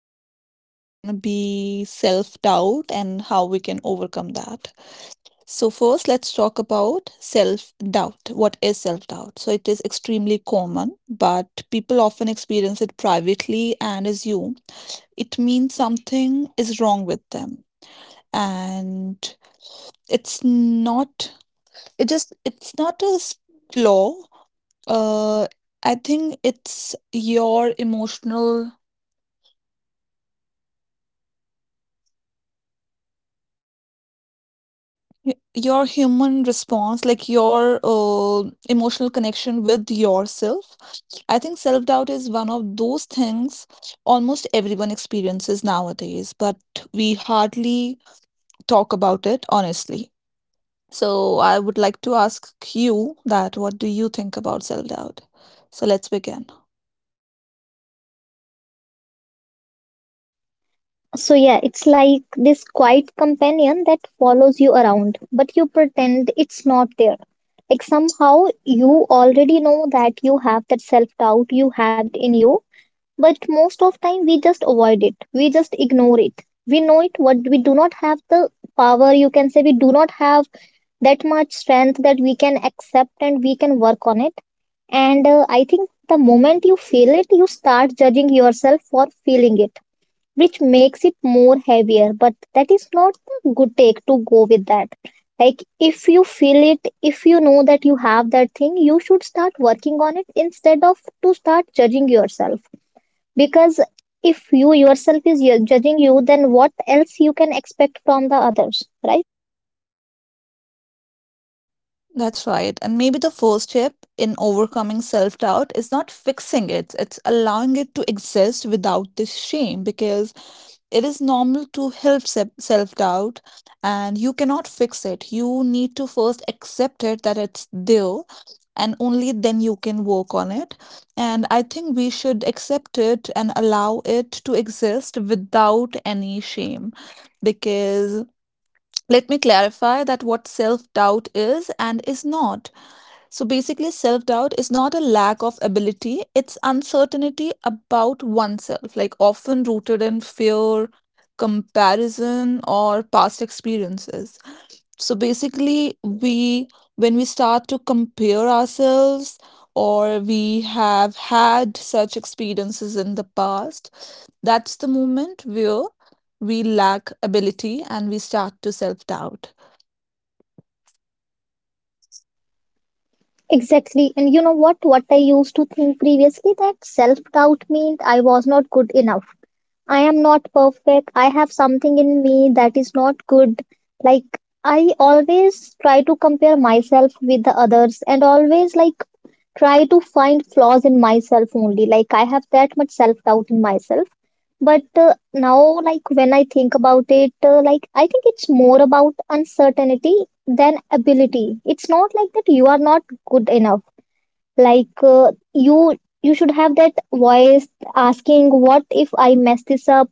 today's topic is going to be self doubt and how we can overcome that. So, first, let's talk about self doubt. What is self doubt? So, it is extremely common, but people often experience it privately and assume it means something is wrong with them. And it's not, it's not a flaw. Uh, I think it's your your human response, like your emotional connection with yourself. I think self doubt is one of those things almost everyone experiences nowadays, but we hardly talk about it honestly. So I would like to ask you that what do you think about self-doubt? So let's begin. So yeah, it's like this quiet companion that follows you around, but you pretend it's not there. Like somehow you already know that you have that self-doubt, you have it in you, but most of time we just avoid it. We just ignore it. We know it, but we do not have the power, you can say we do not have that much strength that we can accept and we can work on it. And I think the moment you feel it, you start judging yourself for feeling it, which makes it more heavier, but that is not the good take to go with that. Like if you feel it, if you know that you have that thing, you should start working on it instead of to start judging yourself, because if you yourself is judging you, then what else you can expect from the others, right? That's right. And maybe the first step in overcoming self doubt is not fixing it, it's allowing it to exist without this shame, because it is normal to help self doubt and you cannot fix it. You need to first accept it that it's there, and only then you can work on it. And I think we should accept it and allow it to exist without any shame, because let me clarify that what self doubt is and is not. So basically, self doubt is not a lack of ability, it's uncertainty about oneself, like often rooted in fear, comparison, or past experiences. So basically, we when we start to compare ourselves, or we have had such experiences in the past, that's the moment where we lack ability and we start to self doubt. Exactly, and you know what I used to think previously, that self doubt meant I was not good enough. I am not perfect. I have something in me that is not good. Like, I always try to compare myself with the others, and always like try to find flaws in myself only. Like, I have that much self doubt in myself. But now, like, when I think about it, like, I think it's more about uncertainty than ability. It's not like that you are not good enough. Like, you should have that voice asking, what if I mess this up?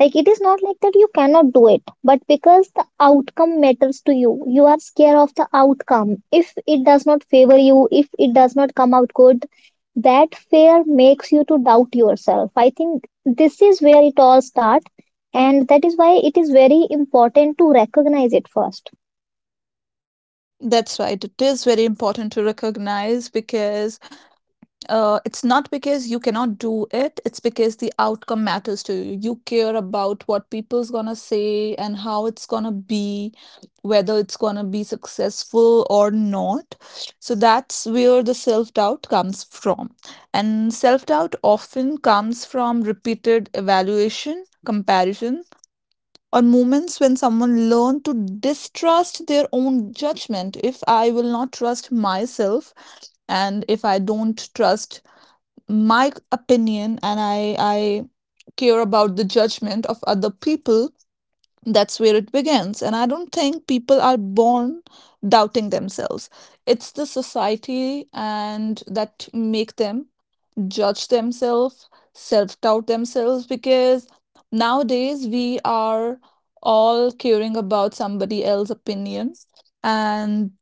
Like it is not like that you cannot do it, but because the outcome matters to you, you are scared of the outcome. If it does not favor you, if it does not come out good, that fear makes you to doubt yourself. I think this is where it all starts, and that is why it is very important to recognize it first. That's right, it is very important to recognize, because it's not because you cannot do it, it's because the outcome matters to you. You care about what people's gonna say and how it's gonna be, whether it's gonna be successful or not. So that's where the self-doubt comes from. And self-doubt often comes from repeated evaluation, comparison, or moments when someone learn to distrust their own judgment. If I will not trust myself, and if I don't trust my opinion, and I care about the judgment of other people, that's where it begins. And I don't think people are born doubting themselves. It's the society and that make them judge themselves, self-doubt themselves, because nowadays we are all caring about somebody else's opinions. And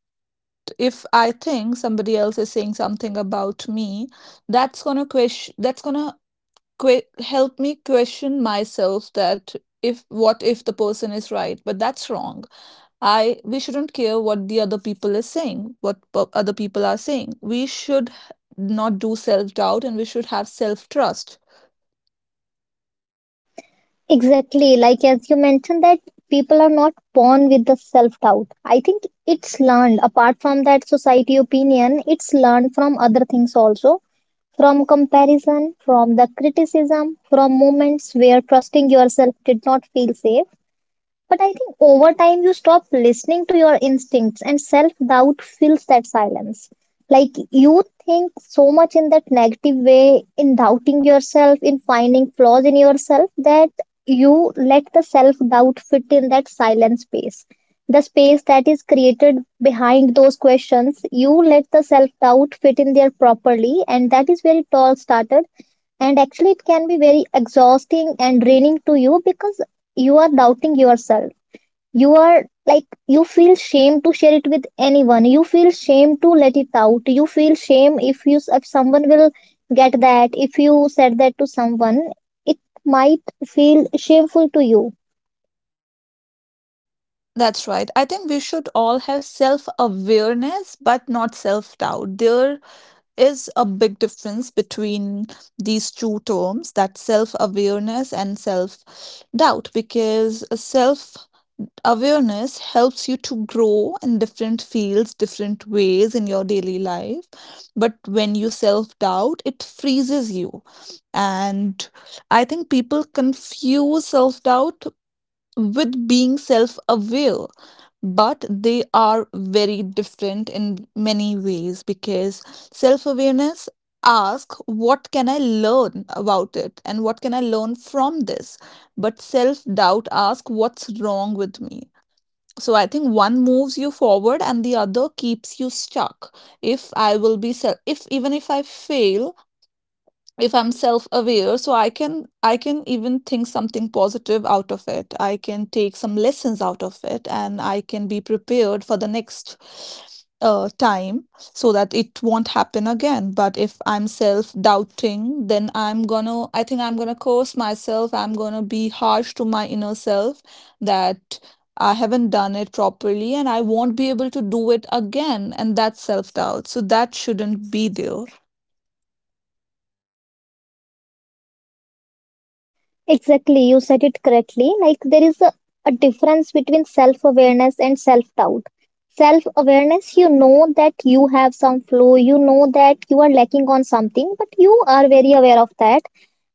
if I think somebody else is saying something about me, that's gonna question that's gonna que- help me question myself that, if, what if the person is right but that's wrong. I We shouldn't care what the other people is saying what p- other people are saying. We should not do self doubt, and we should have self trust. Exactly, like as you mentioned, that people are not born with the self doubt. I think it's learned. Apart from that society opinion, it's learned from other things also, from comparison, from the criticism, from moments where trusting yourself did not feel safe. But I think over time you stop listening to your instincts, and self doubt fills that silence. Like you think so much in that negative way, in doubting yourself, in finding flaws in yourself, that you let the self doubt fit in that silent space. The space that is created behind those questions, you let the self doubt fit in there properly, and that is where it all started. And actually, it can be very exhausting and draining to you, because you are doubting yourself, you are like, you feel shame to share it with anyone, you feel shame to let it out, you feel shame if you, if someone will get that, if you said that to someone, it might feel shameful to you. That's right. I think we should all have self awareness, but not self doubt. There is a big difference between these two terms, that self awareness and self doubt, because self awareness helps you to grow in different fields, different ways in your daily life. But when you self doubt, it freezes you. And I think people confuse self doubt with being self aware, but they are very different in many ways, because self awareness asks, "What can I learn about it? And what can I learn from this?" But self doubt asks, "What's wrong with me?" So I think one moves you forward and the other keeps you stuck. If I will be self If even if I fail, if I'm self aware, so I can even think something positive out of it. I can take some lessons out of it, and I can be prepared for the next time, so that it won't happen again. But if I'm self doubting, then I think I'm gonna curse myself. I'm gonna be harsh to my inner self, that I haven't done it properly and I won't be able to do it again. And that's self doubt, so that shouldn't be there. Exactly, you said it correctly. Like there is a difference between self awareness and self doubt. Self awareness, you know that you have some flaw, you know that you are lacking on something, but you are very aware of that,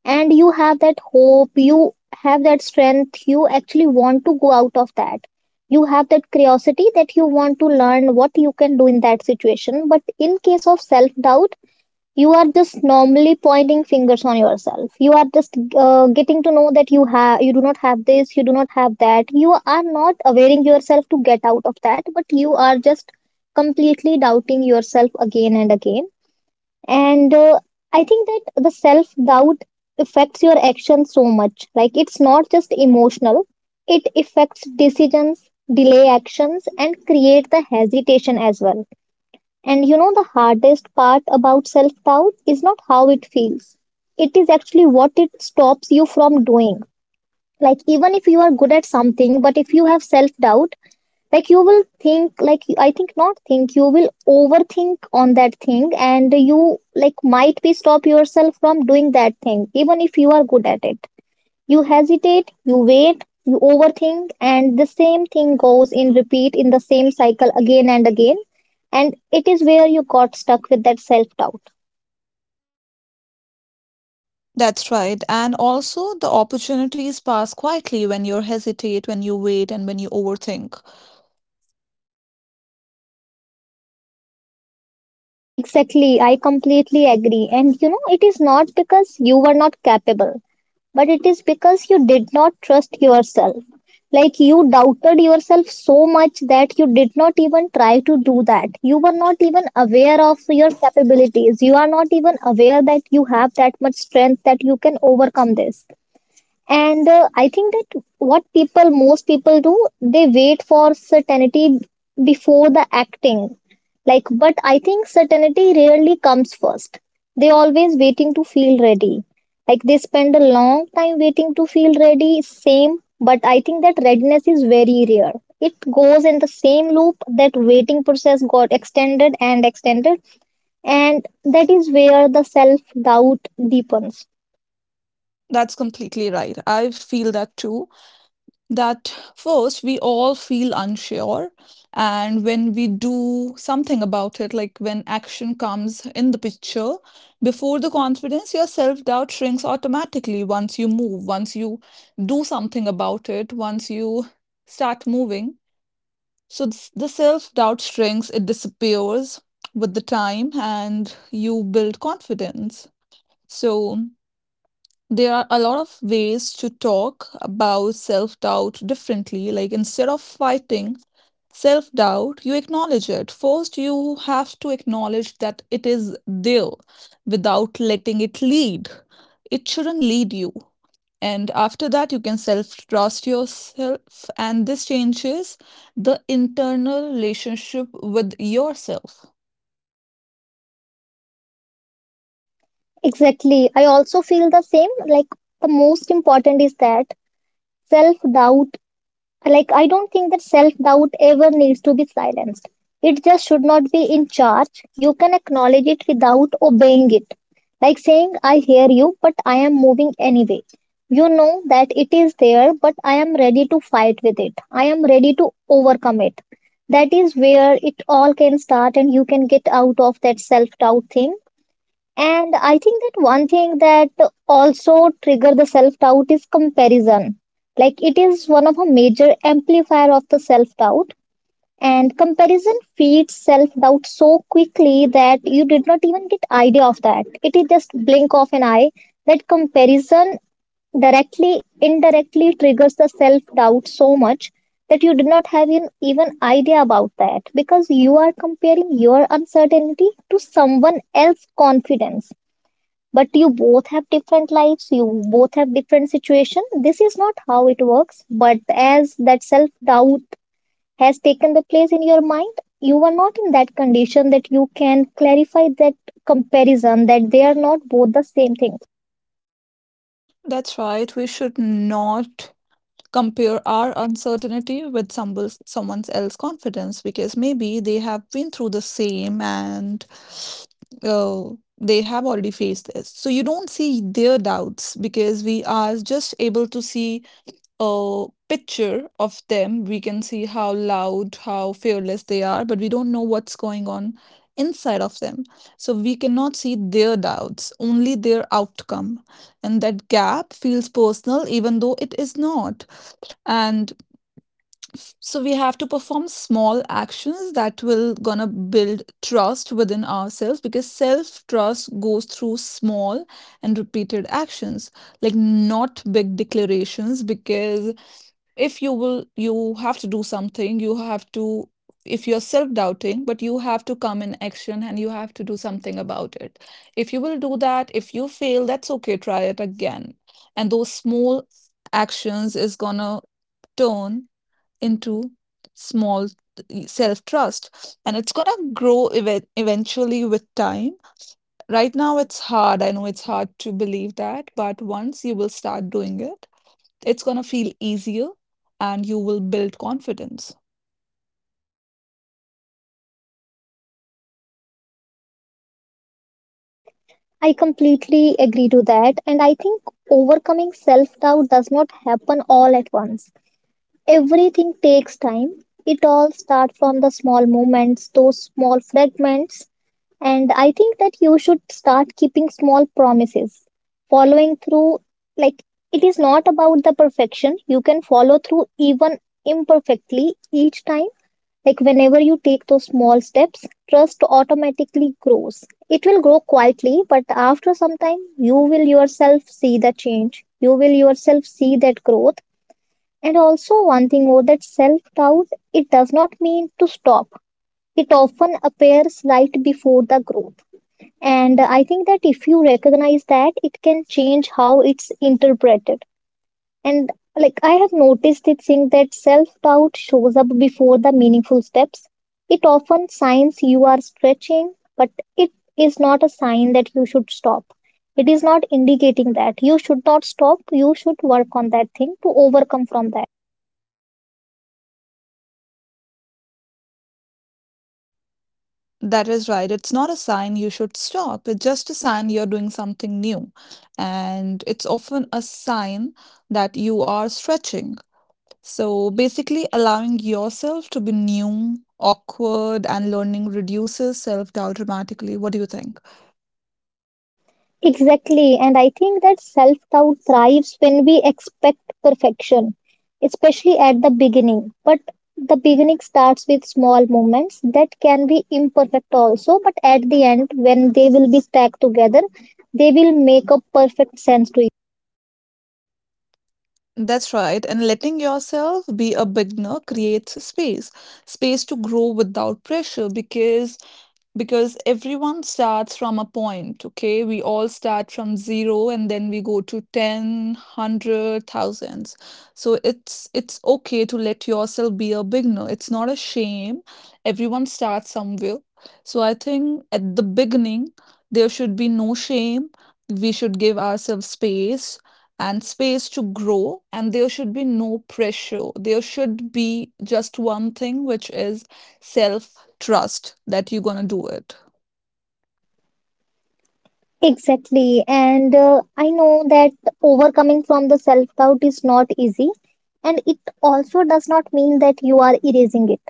and you have that hope, you have that strength, you actually want to go out of that. You have that curiosity that you want to learn what you can do in that situation. But in case of self doubt, you are just normally pointing fingers on yourself, you are just getting to know that you have, you do not have this, you do not have that, you are not availing yourself to get out of that, but you are just completely doubting yourself again and again, and I think that the self doubt affects your actions so much. Like it's not just emotional, it affects decisions, delay actions, and create the hesitation as well. And you know, the hardest part about self doubt is not how it feels, it is actually what it stops you from doing. Like, even if you are good at something, but if you have self doubt, like you will think, like, I think, not think, you will overthink on that thing, and you like might be stop yourself from doing that thing, even if you are good at it. You hesitate, you wait, you overthink, and the same thing goes in repeat in the same cycle again and again. And it is where you got stuck with that self doubt. That's right. And also, the opportunities pass quietly when you hesitate, when you wait, and when you overthink. Exactly, I completely agree. And you know, it is not because you were not capable, but it is because you did not trust yourself. Like you doubted yourself so much that you did not even try to do that, you were not even aware of your capabilities, you are not even aware that you have that much strength that you can overcome this. And I think that what people, most people do, they wait for certainty before the acting. Like, but I think certainty rarely comes first. They always waiting to feel ready. Like they spend a long time waiting to feel ready, same, but I think that readiness is very rare. It goes in the same loop, that waiting process got extended and extended, and that is where the self doubt deepens. That's completely right. I feel that too. That first, we all feel unsure. And when we do something about it, like when action comes in the picture, before the confidence, your self doubt shrinks automatically once you move, once you do something about it, once you start moving. So the self doubt shrinks, it disappears with the time, and you build confidence. So there are a lot of ways to talk about self doubt differently. Like, instead of fighting self doubt, you acknowledge it. First, you have to acknowledge that it is there, without letting it lead. It shouldn't lead you. And after that, you can self trust yourself, and this changes the internal relationship with yourself. Exactly. I also feel the same. Like, the most important is that self doubt, like, I don't think that self doubt ever needs to be silenced. It just should not be in charge. You can acknowledge it without obeying it. Like saying, I hear you, but I am moving anyway. You know that it is there, but I am ready to fight with it. I am ready to overcome it. That is where it all can start, and you can get out of that self doubt thing. And I think that one thing that also trigger the self doubt is comparison. Like it is one of a major amplifier of the self doubt. And comparison feeds self doubt so quickly that you did not even get idea of that. It is just blink of an eye that comparison directly indirectly triggers the self doubt so much that you did not have an, even idea about that, because you are comparing your uncertainty to someone else's confidence, but you both have different lives, you both have different situation. This is not how it works, but as that self doubt has taken the place in your mind, you are not in that condition that you can clarify that comparison, that they are not both the same thing. That's right, we should not compare our uncertainty with somebody, someone else's confidence, because maybe they have been through the same and uh, they have already faced this. So you don't see their doubts, because we are just able to see a picture of them. We can see how loud, how fearless they are, but we don't know what's going on inside of them. So we cannot see their doubts, only their outcome. And that gap feels personal, even though it is not. And so we have to perform small actions that will gonna build trust within ourselves, because self-trust goes through small and repeated actions, like not big declarations. Because if you will you have to do something, you have to if you're self-doubting, but you have to come in action and you have to do something about it. If you will do that, if you fail, that's okay, try it again. And those small actions is gonna turn into small self trust, and it's going to grow eventually with time. Right now it's hard, I know it's hard to believe that, but once you will start doing it, it's going to feel easier, and you will build confidence. I completely agree to that, and I think overcoming self doubt does not happen all at once. Everything takes time. It all starts from the small moments, those small fragments. And I think that you should start keeping small promises, following through. Like, it is not about the perfection. You can follow through even imperfectly each time. Like, whenever you take those small steps, trust automatically grows. It will grow quietly, but after some time, you will yourself see the change. You will yourself see that growth. And also, one thing more, that self doubt, it does not mean to stop. It often appears right before the growth, and I think that if you recognize that, it can change how it's interpreted. And like I have noticed it, saying that self doubt shows up before the meaningful steps. It often signs you are stretching, but it is not a sign that you should stop. It is not indicating that you should not stop, you should work on that thing to overcome from that. That is right. It's not a sign you should stop. It's just a sign you're doing something new. And it's often a sign that you are stretching. So basically, allowing yourself to be new, awkward, and learning reduces self doubt dramatically. What do you think? Exactly, and I think that self doubt thrives when we expect perfection, especially at the beginning. But the beginning starts with small moments that can be imperfect also, but at the end, when they will be stacked together, they will make a perfect sense to you. That's right. And letting yourself be a beginner creates space, space to grow without pressure. Because everyone starts from a point. Okay, we all start from zero, and then we go to 10, 100, thousands. So it's okay to let yourself be a beginner, it's not a shame. Everyone starts somewhere. So I think at the beginning there should be no shame. We should give ourselves space, and space to grow, and there should be no pressure. There should be just one thing, which is self trust, that you're gonna do it. Exactly, and I know that overcoming from the self doubt is not easy, and it also does not mean that you are erasing it.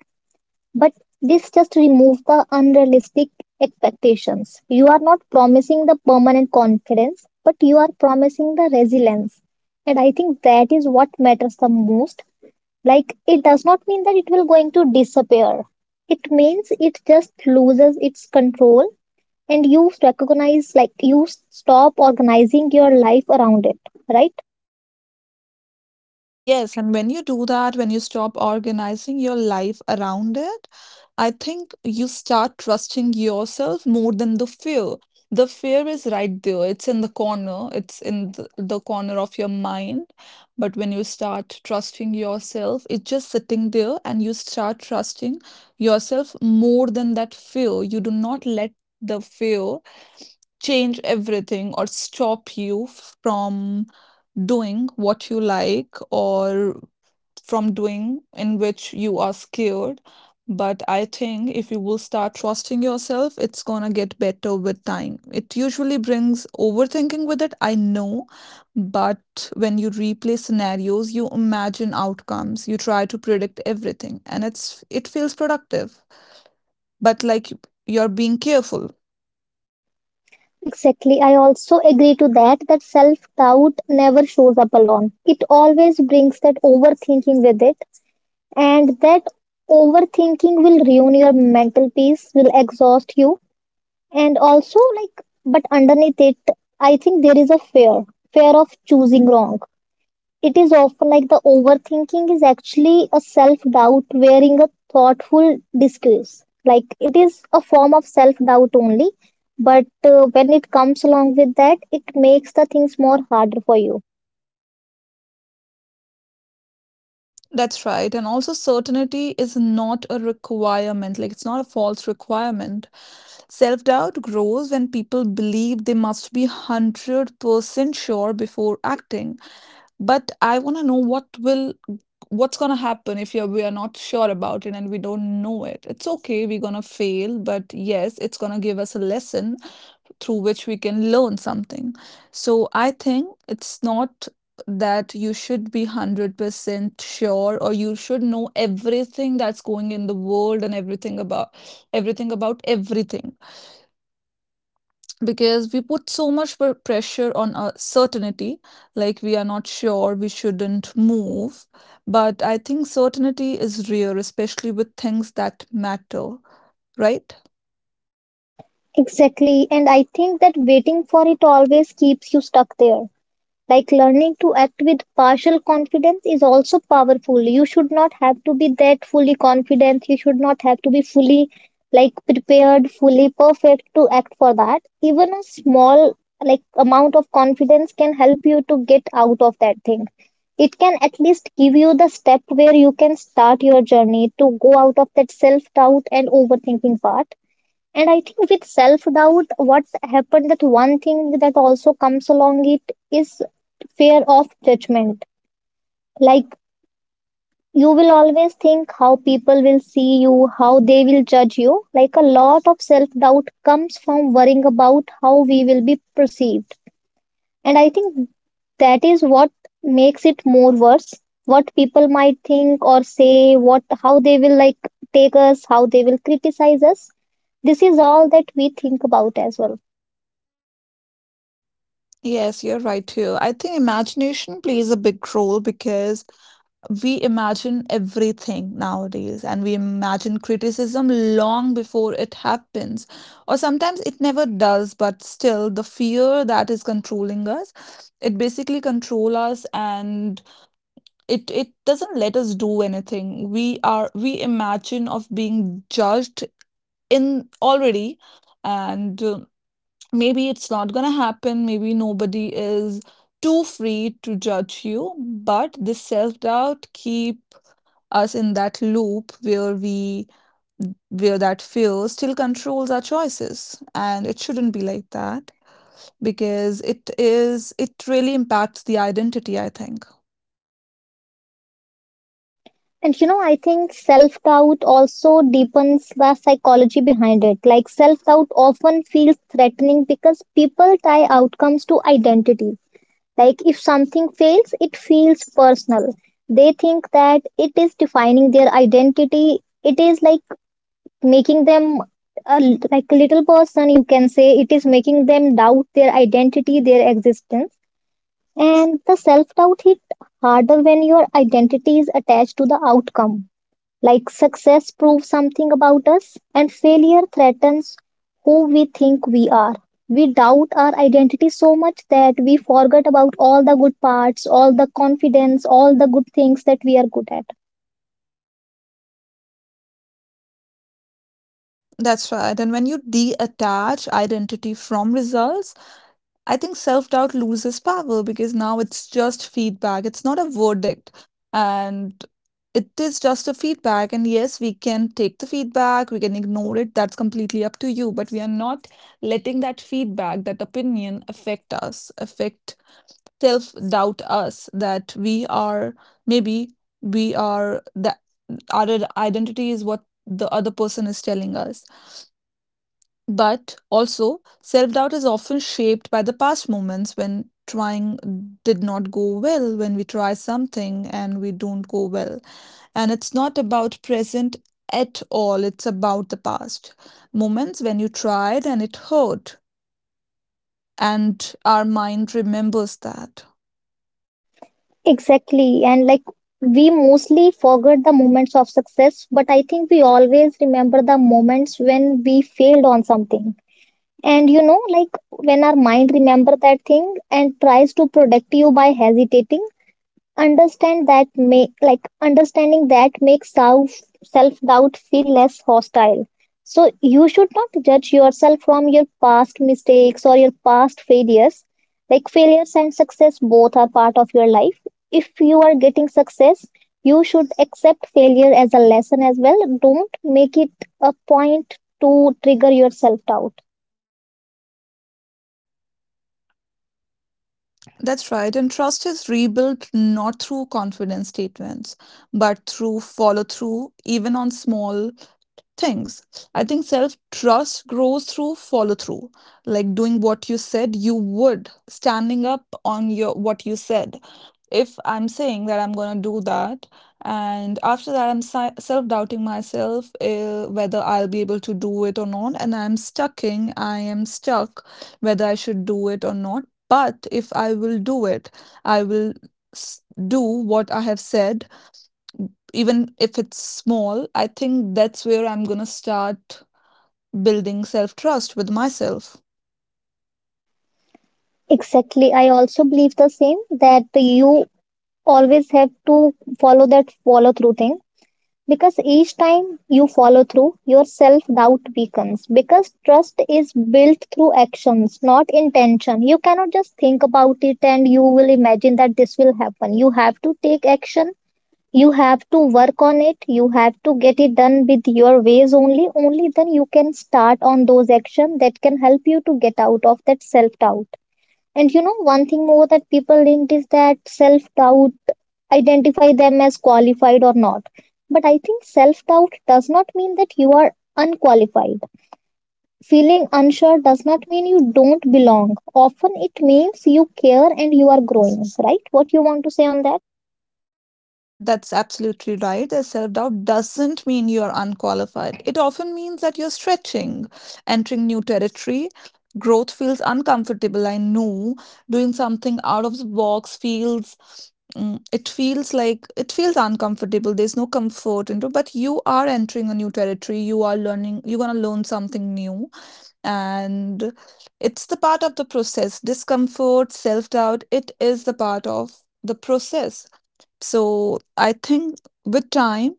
But this just removes the unrealistic expectations. You are not promising the permanent confidence, but you are promising the resilience. And I think that is what matters the most. Like it does not mean that it will going to disappear. It means it just loses its control, and you recognize, like you stop organizing your life around it, right? Yes, and when you do that, when you stop organizing your life around it, I think you start trusting yourself more than the fear. The fear is right there, it's in the corner, it's in the corner of your mind. But when you start trusting yourself, it's just sitting there, and you start trusting yourself more than that fear. You do not let the fear change everything or stop you from doing what you like, or from doing in which you are scared. But I think if you will start trusting yourself, it's gonna get better with time. It usually brings overthinking with it, I know, but when you replay scenarios, you imagine outcomes, you try to predict everything, and it feels productive, but like, you're being careful. Exactly. I also agree to that, that self-doubt never shows up alone. It always brings that overthinking with it, and that overthinking will ruin your mental peace, will exhaust you. And also like, but underneath it, I think there is a fear, fear of choosing wrong. It is often like the overthinking is actually a self doubt wearing a thoughtful disguise. Like it is a form of self doubt only, but when it comes along with that, it makes the things more harder for you. That's right. And also, certainty is not a requirement, like, it's not a false requirement. Self doubt grows when people believe they must be 100% sure before acting. But I want to know what's going to happen if we are not sure about it and we don't know it. It's okay, we're going to fail, but yes, it's going to give us a lesson through which we can learn something. So I think it's not that you should be 100% sure or you should know everything that's going in the world and everything about everything, because we put so much pressure on a certainty, like we are not sure we shouldn't move. But I think certainty is rare, especially with things that matter, right? Exactly, and I think that waiting for it always keeps you stuck there. Like learning to act with partial confidence is also powerful. You should not have to be that fully confident. You should not have to be fully like prepared, fully perfect to act for that. Even a small like amount of confidence can help you to get out of that thing. It can at least give you the step where you can start your journey to go out of that self doubt and overthinking part. And I think with self doubt, what happened that one thing that also comes along it is fear of judgment. Like, you will always think how people will see you, how they will judge you. Like a lot of self doubt comes from worrying about how we will be perceived. And I think that is what makes it more worse. What people might think or say, what how they will like take us, how they will criticize us. This is all that we think about as well. Yes, you're right here. I think imagination plays a big role, because we imagine everything nowadays and we imagine criticism long before it happens, or sometimes it never does. But still the fear that is controlling us, it basically control us, and it doesn't let us do anything. We imagine of being judged in already. And maybe it's not going to happen, maybe nobody is too free to judge you. But this self doubt keep us in that loop where we where that fear still controls our choices, and it shouldn't be like that, because it really impacts the identity, I think. And you know, I think self doubt also deepens the psychology behind it. Like, self doubt often feels threatening because people tie outcomes to identity. Like, if something fails, it feels personal. They think that it is defining their identity, it is like making them. A like a little person, you can say it is making them doubt their identity, their existence. And the self doubt hit harder when your identity is attached to the outcome. Like success proves something about us, and failure threatens who we think we are. We doubt our identity so much that we forget about all the good parts, all the confidence, all the good things that we are good at. That's right. And when you detach identity from results, I think self doubt loses power, because now it's just feedback. It's not a verdict. And it is just a feedback. And yes, we can take the feedback, we can ignore it. That's completely up to you. But we are not letting that feedback, that opinion affect us, affect self doubt us that we are maybe we are that our identity is what the other person is telling us. But also, self doubt is often shaped by the past moments when trying did not go well, when we try something and we don't go well. And it's not about present at all, it's about the past moments when you tried and it hurt. And our mind remembers that. Exactly. And like we mostly forget the moments of success, but I think we always remember the moments when we failed on something. And you know, like when our mind remember that thing and tries to protect you by hesitating understand that make like understanding that makes self doubt feel less hostile. So you should not judge yourself from your past mistakes or your past failures. Like failures and success both are part of your life. If you are getting success, you should accept failure as a lesson as well. Don't make it a point to trigger your self doubt. That's right. And trust is rebuilt not through confidence statements, but through follow through, even on small things. I think self trust grows through follow through, like doing what you said you would, standing up on your what you said. If I'm saying that I'm going to do that, and after that, I'm self doubting myself, whether I'll be able to do it or not, and I am stuck whether I should do it or not. But if I will do it, I will s- do what I have said, even if it's small, I think that's where I'm going to start building self trust with myself. Exactly, I also believe the same that you always have to follow that follow through thing. Because each time you follow through, your self doubt weakens. Because trust is built through actions, not intention. You cannot just think about it and you will imagine that this will happen. You have to take action. You have to work on it. You have to get it done with your ways only. Only then you can start on those actions that can help you to get out of that self doubt. And you know, one thing more that people linked is that self doubt identify them as qualified or not. But I think self doubt does not mean that you are unqualified. Feeling unsure does not mean you don't belong. Often it means you care and you are growing, right? What you want to say on that? That's absolutely right. That self doubt doesn't mean you're unqualified. It often means that you're stretching, entering new territory. Growth feels uncomfortable, I know. Doing something out of the box feels it feels like it feels uncomfortable, there's no comfort into, but you are entering a new territory, you are learning, you're going to learn something new. And it's the part of the process, discomfort, self doubt, it is the part of the process. So I think with time,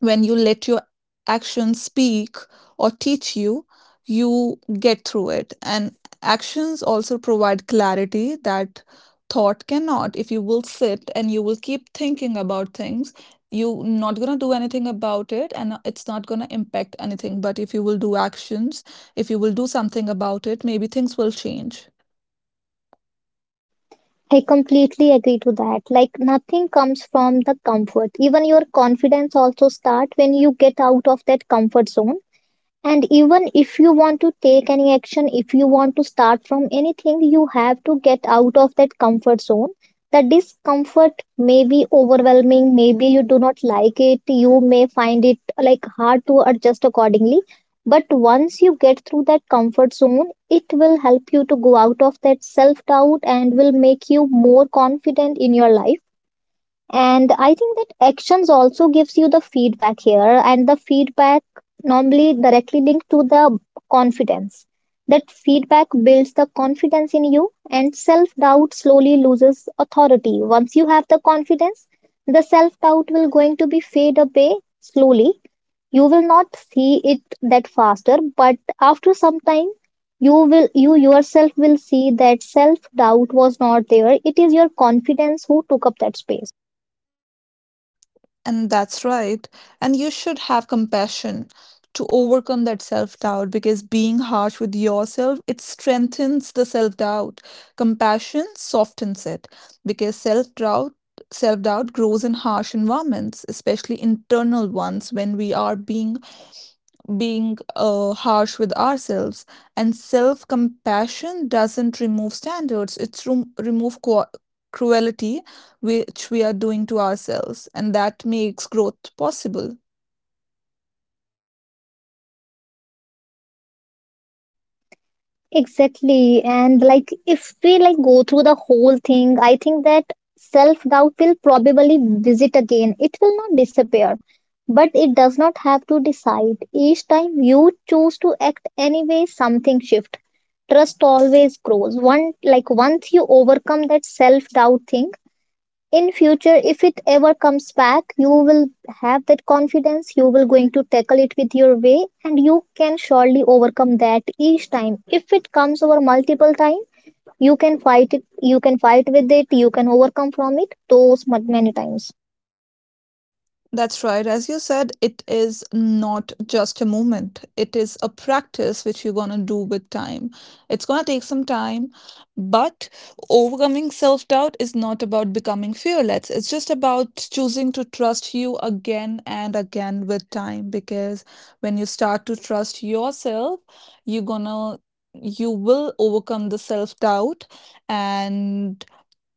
when you let your actions speak or teach you, you get through it. And actions also provide clarity that thought cannot. If you will sit and you will keep thinking about things, you're not going to do anything about it, and it's not going to impact anything. But if you will do actions, if you will do something about it, maybe things will change. I completely agree to that. Like nothing comes from the comfort. Even your confidence also start when you get out of that comfort zone. And even if you want to take any action, if you want to start from anything, you have to get out of that comfort zone. The discomfort may be overwhelming, maybe you do not like it, you may find it like hard to adjust accordingly. But once you get through that comfort zone, it will help you to go out of that self doubt and will make you more confident in your life. And I think that actions also gives you the feedback here, and the feedback normally directly linked to the confidence. That feedback builds the confidence in you and self doubt slowly loses authority once you have the confidence. The self doubt will going to be fade away slowly. You will not see it that faster, but after some time you will you yourself will see that self doubt was not there, it is your confidence who took up that space. And that's right. And you should have compassion to overcome that self-doubt, because being harsh with yourself, it strengthens the self-doubt. Compassion softens it, because self-doubt grows in harsh environments, especially internal ones, when we are being harsh with ourselves. And self compassion doesn't remove standards, it's rem- remove qua cruelty, which we are doing to ourselves. And that makes growth possible. Exactly. And like if we like go through the whole thing, I think that self-doubt will probably visit again. It will not disappear, but it does not have to decide. Each time you choose to act anyway, something shift. Trust always grows. One like once you overcome that self-doubt thing, in future if it ever comes back you will have that confidence. You will going to tackle it with your way and you can surely overcome that each time. If it comes over multiple time, you can fight it, you can fight with it, you can overcome from it those many times. That's right. As you said, it is not just a moment. It is a practice which you're going to do with time. It's going to take some time, but overcoming self doubt is not about becoming fearless. It's just about choosing to trust you again and again with time, because when you start to trust yourself, you're going to you will overcome the self doubt. And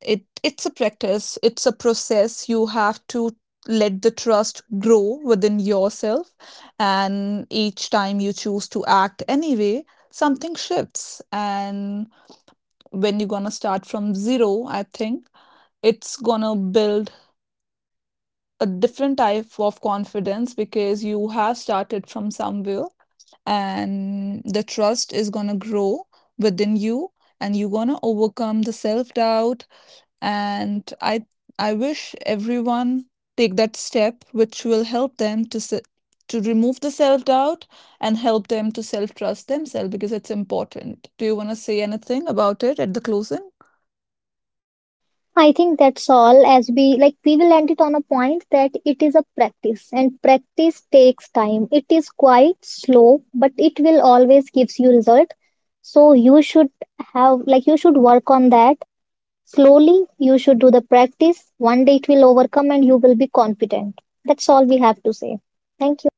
it's a practice, it's a process. You have to let the trust grow within yourself, and each time you choose to act anyway, something shifts. And when you're gonna start from zero, I think it's gonna build a different type of confidence, because you have started from somewhere, and the trust is gonna grow within you, and you're gonna overcome the self-doubt. And I wish everyone take that step which will help them to to remove the self doubt and help them to self trust themselves, because it's important. Do you want to say anything about it at the closing? I think that's all. As we like we will end it on a point that it is a practice, and practice takes time, it is quite slow, but it will always gives you result. So you should have like you should work on that. Slowly, you should do the practice. One day it will overcome and you will be confident. That's all we have to say. Thank you.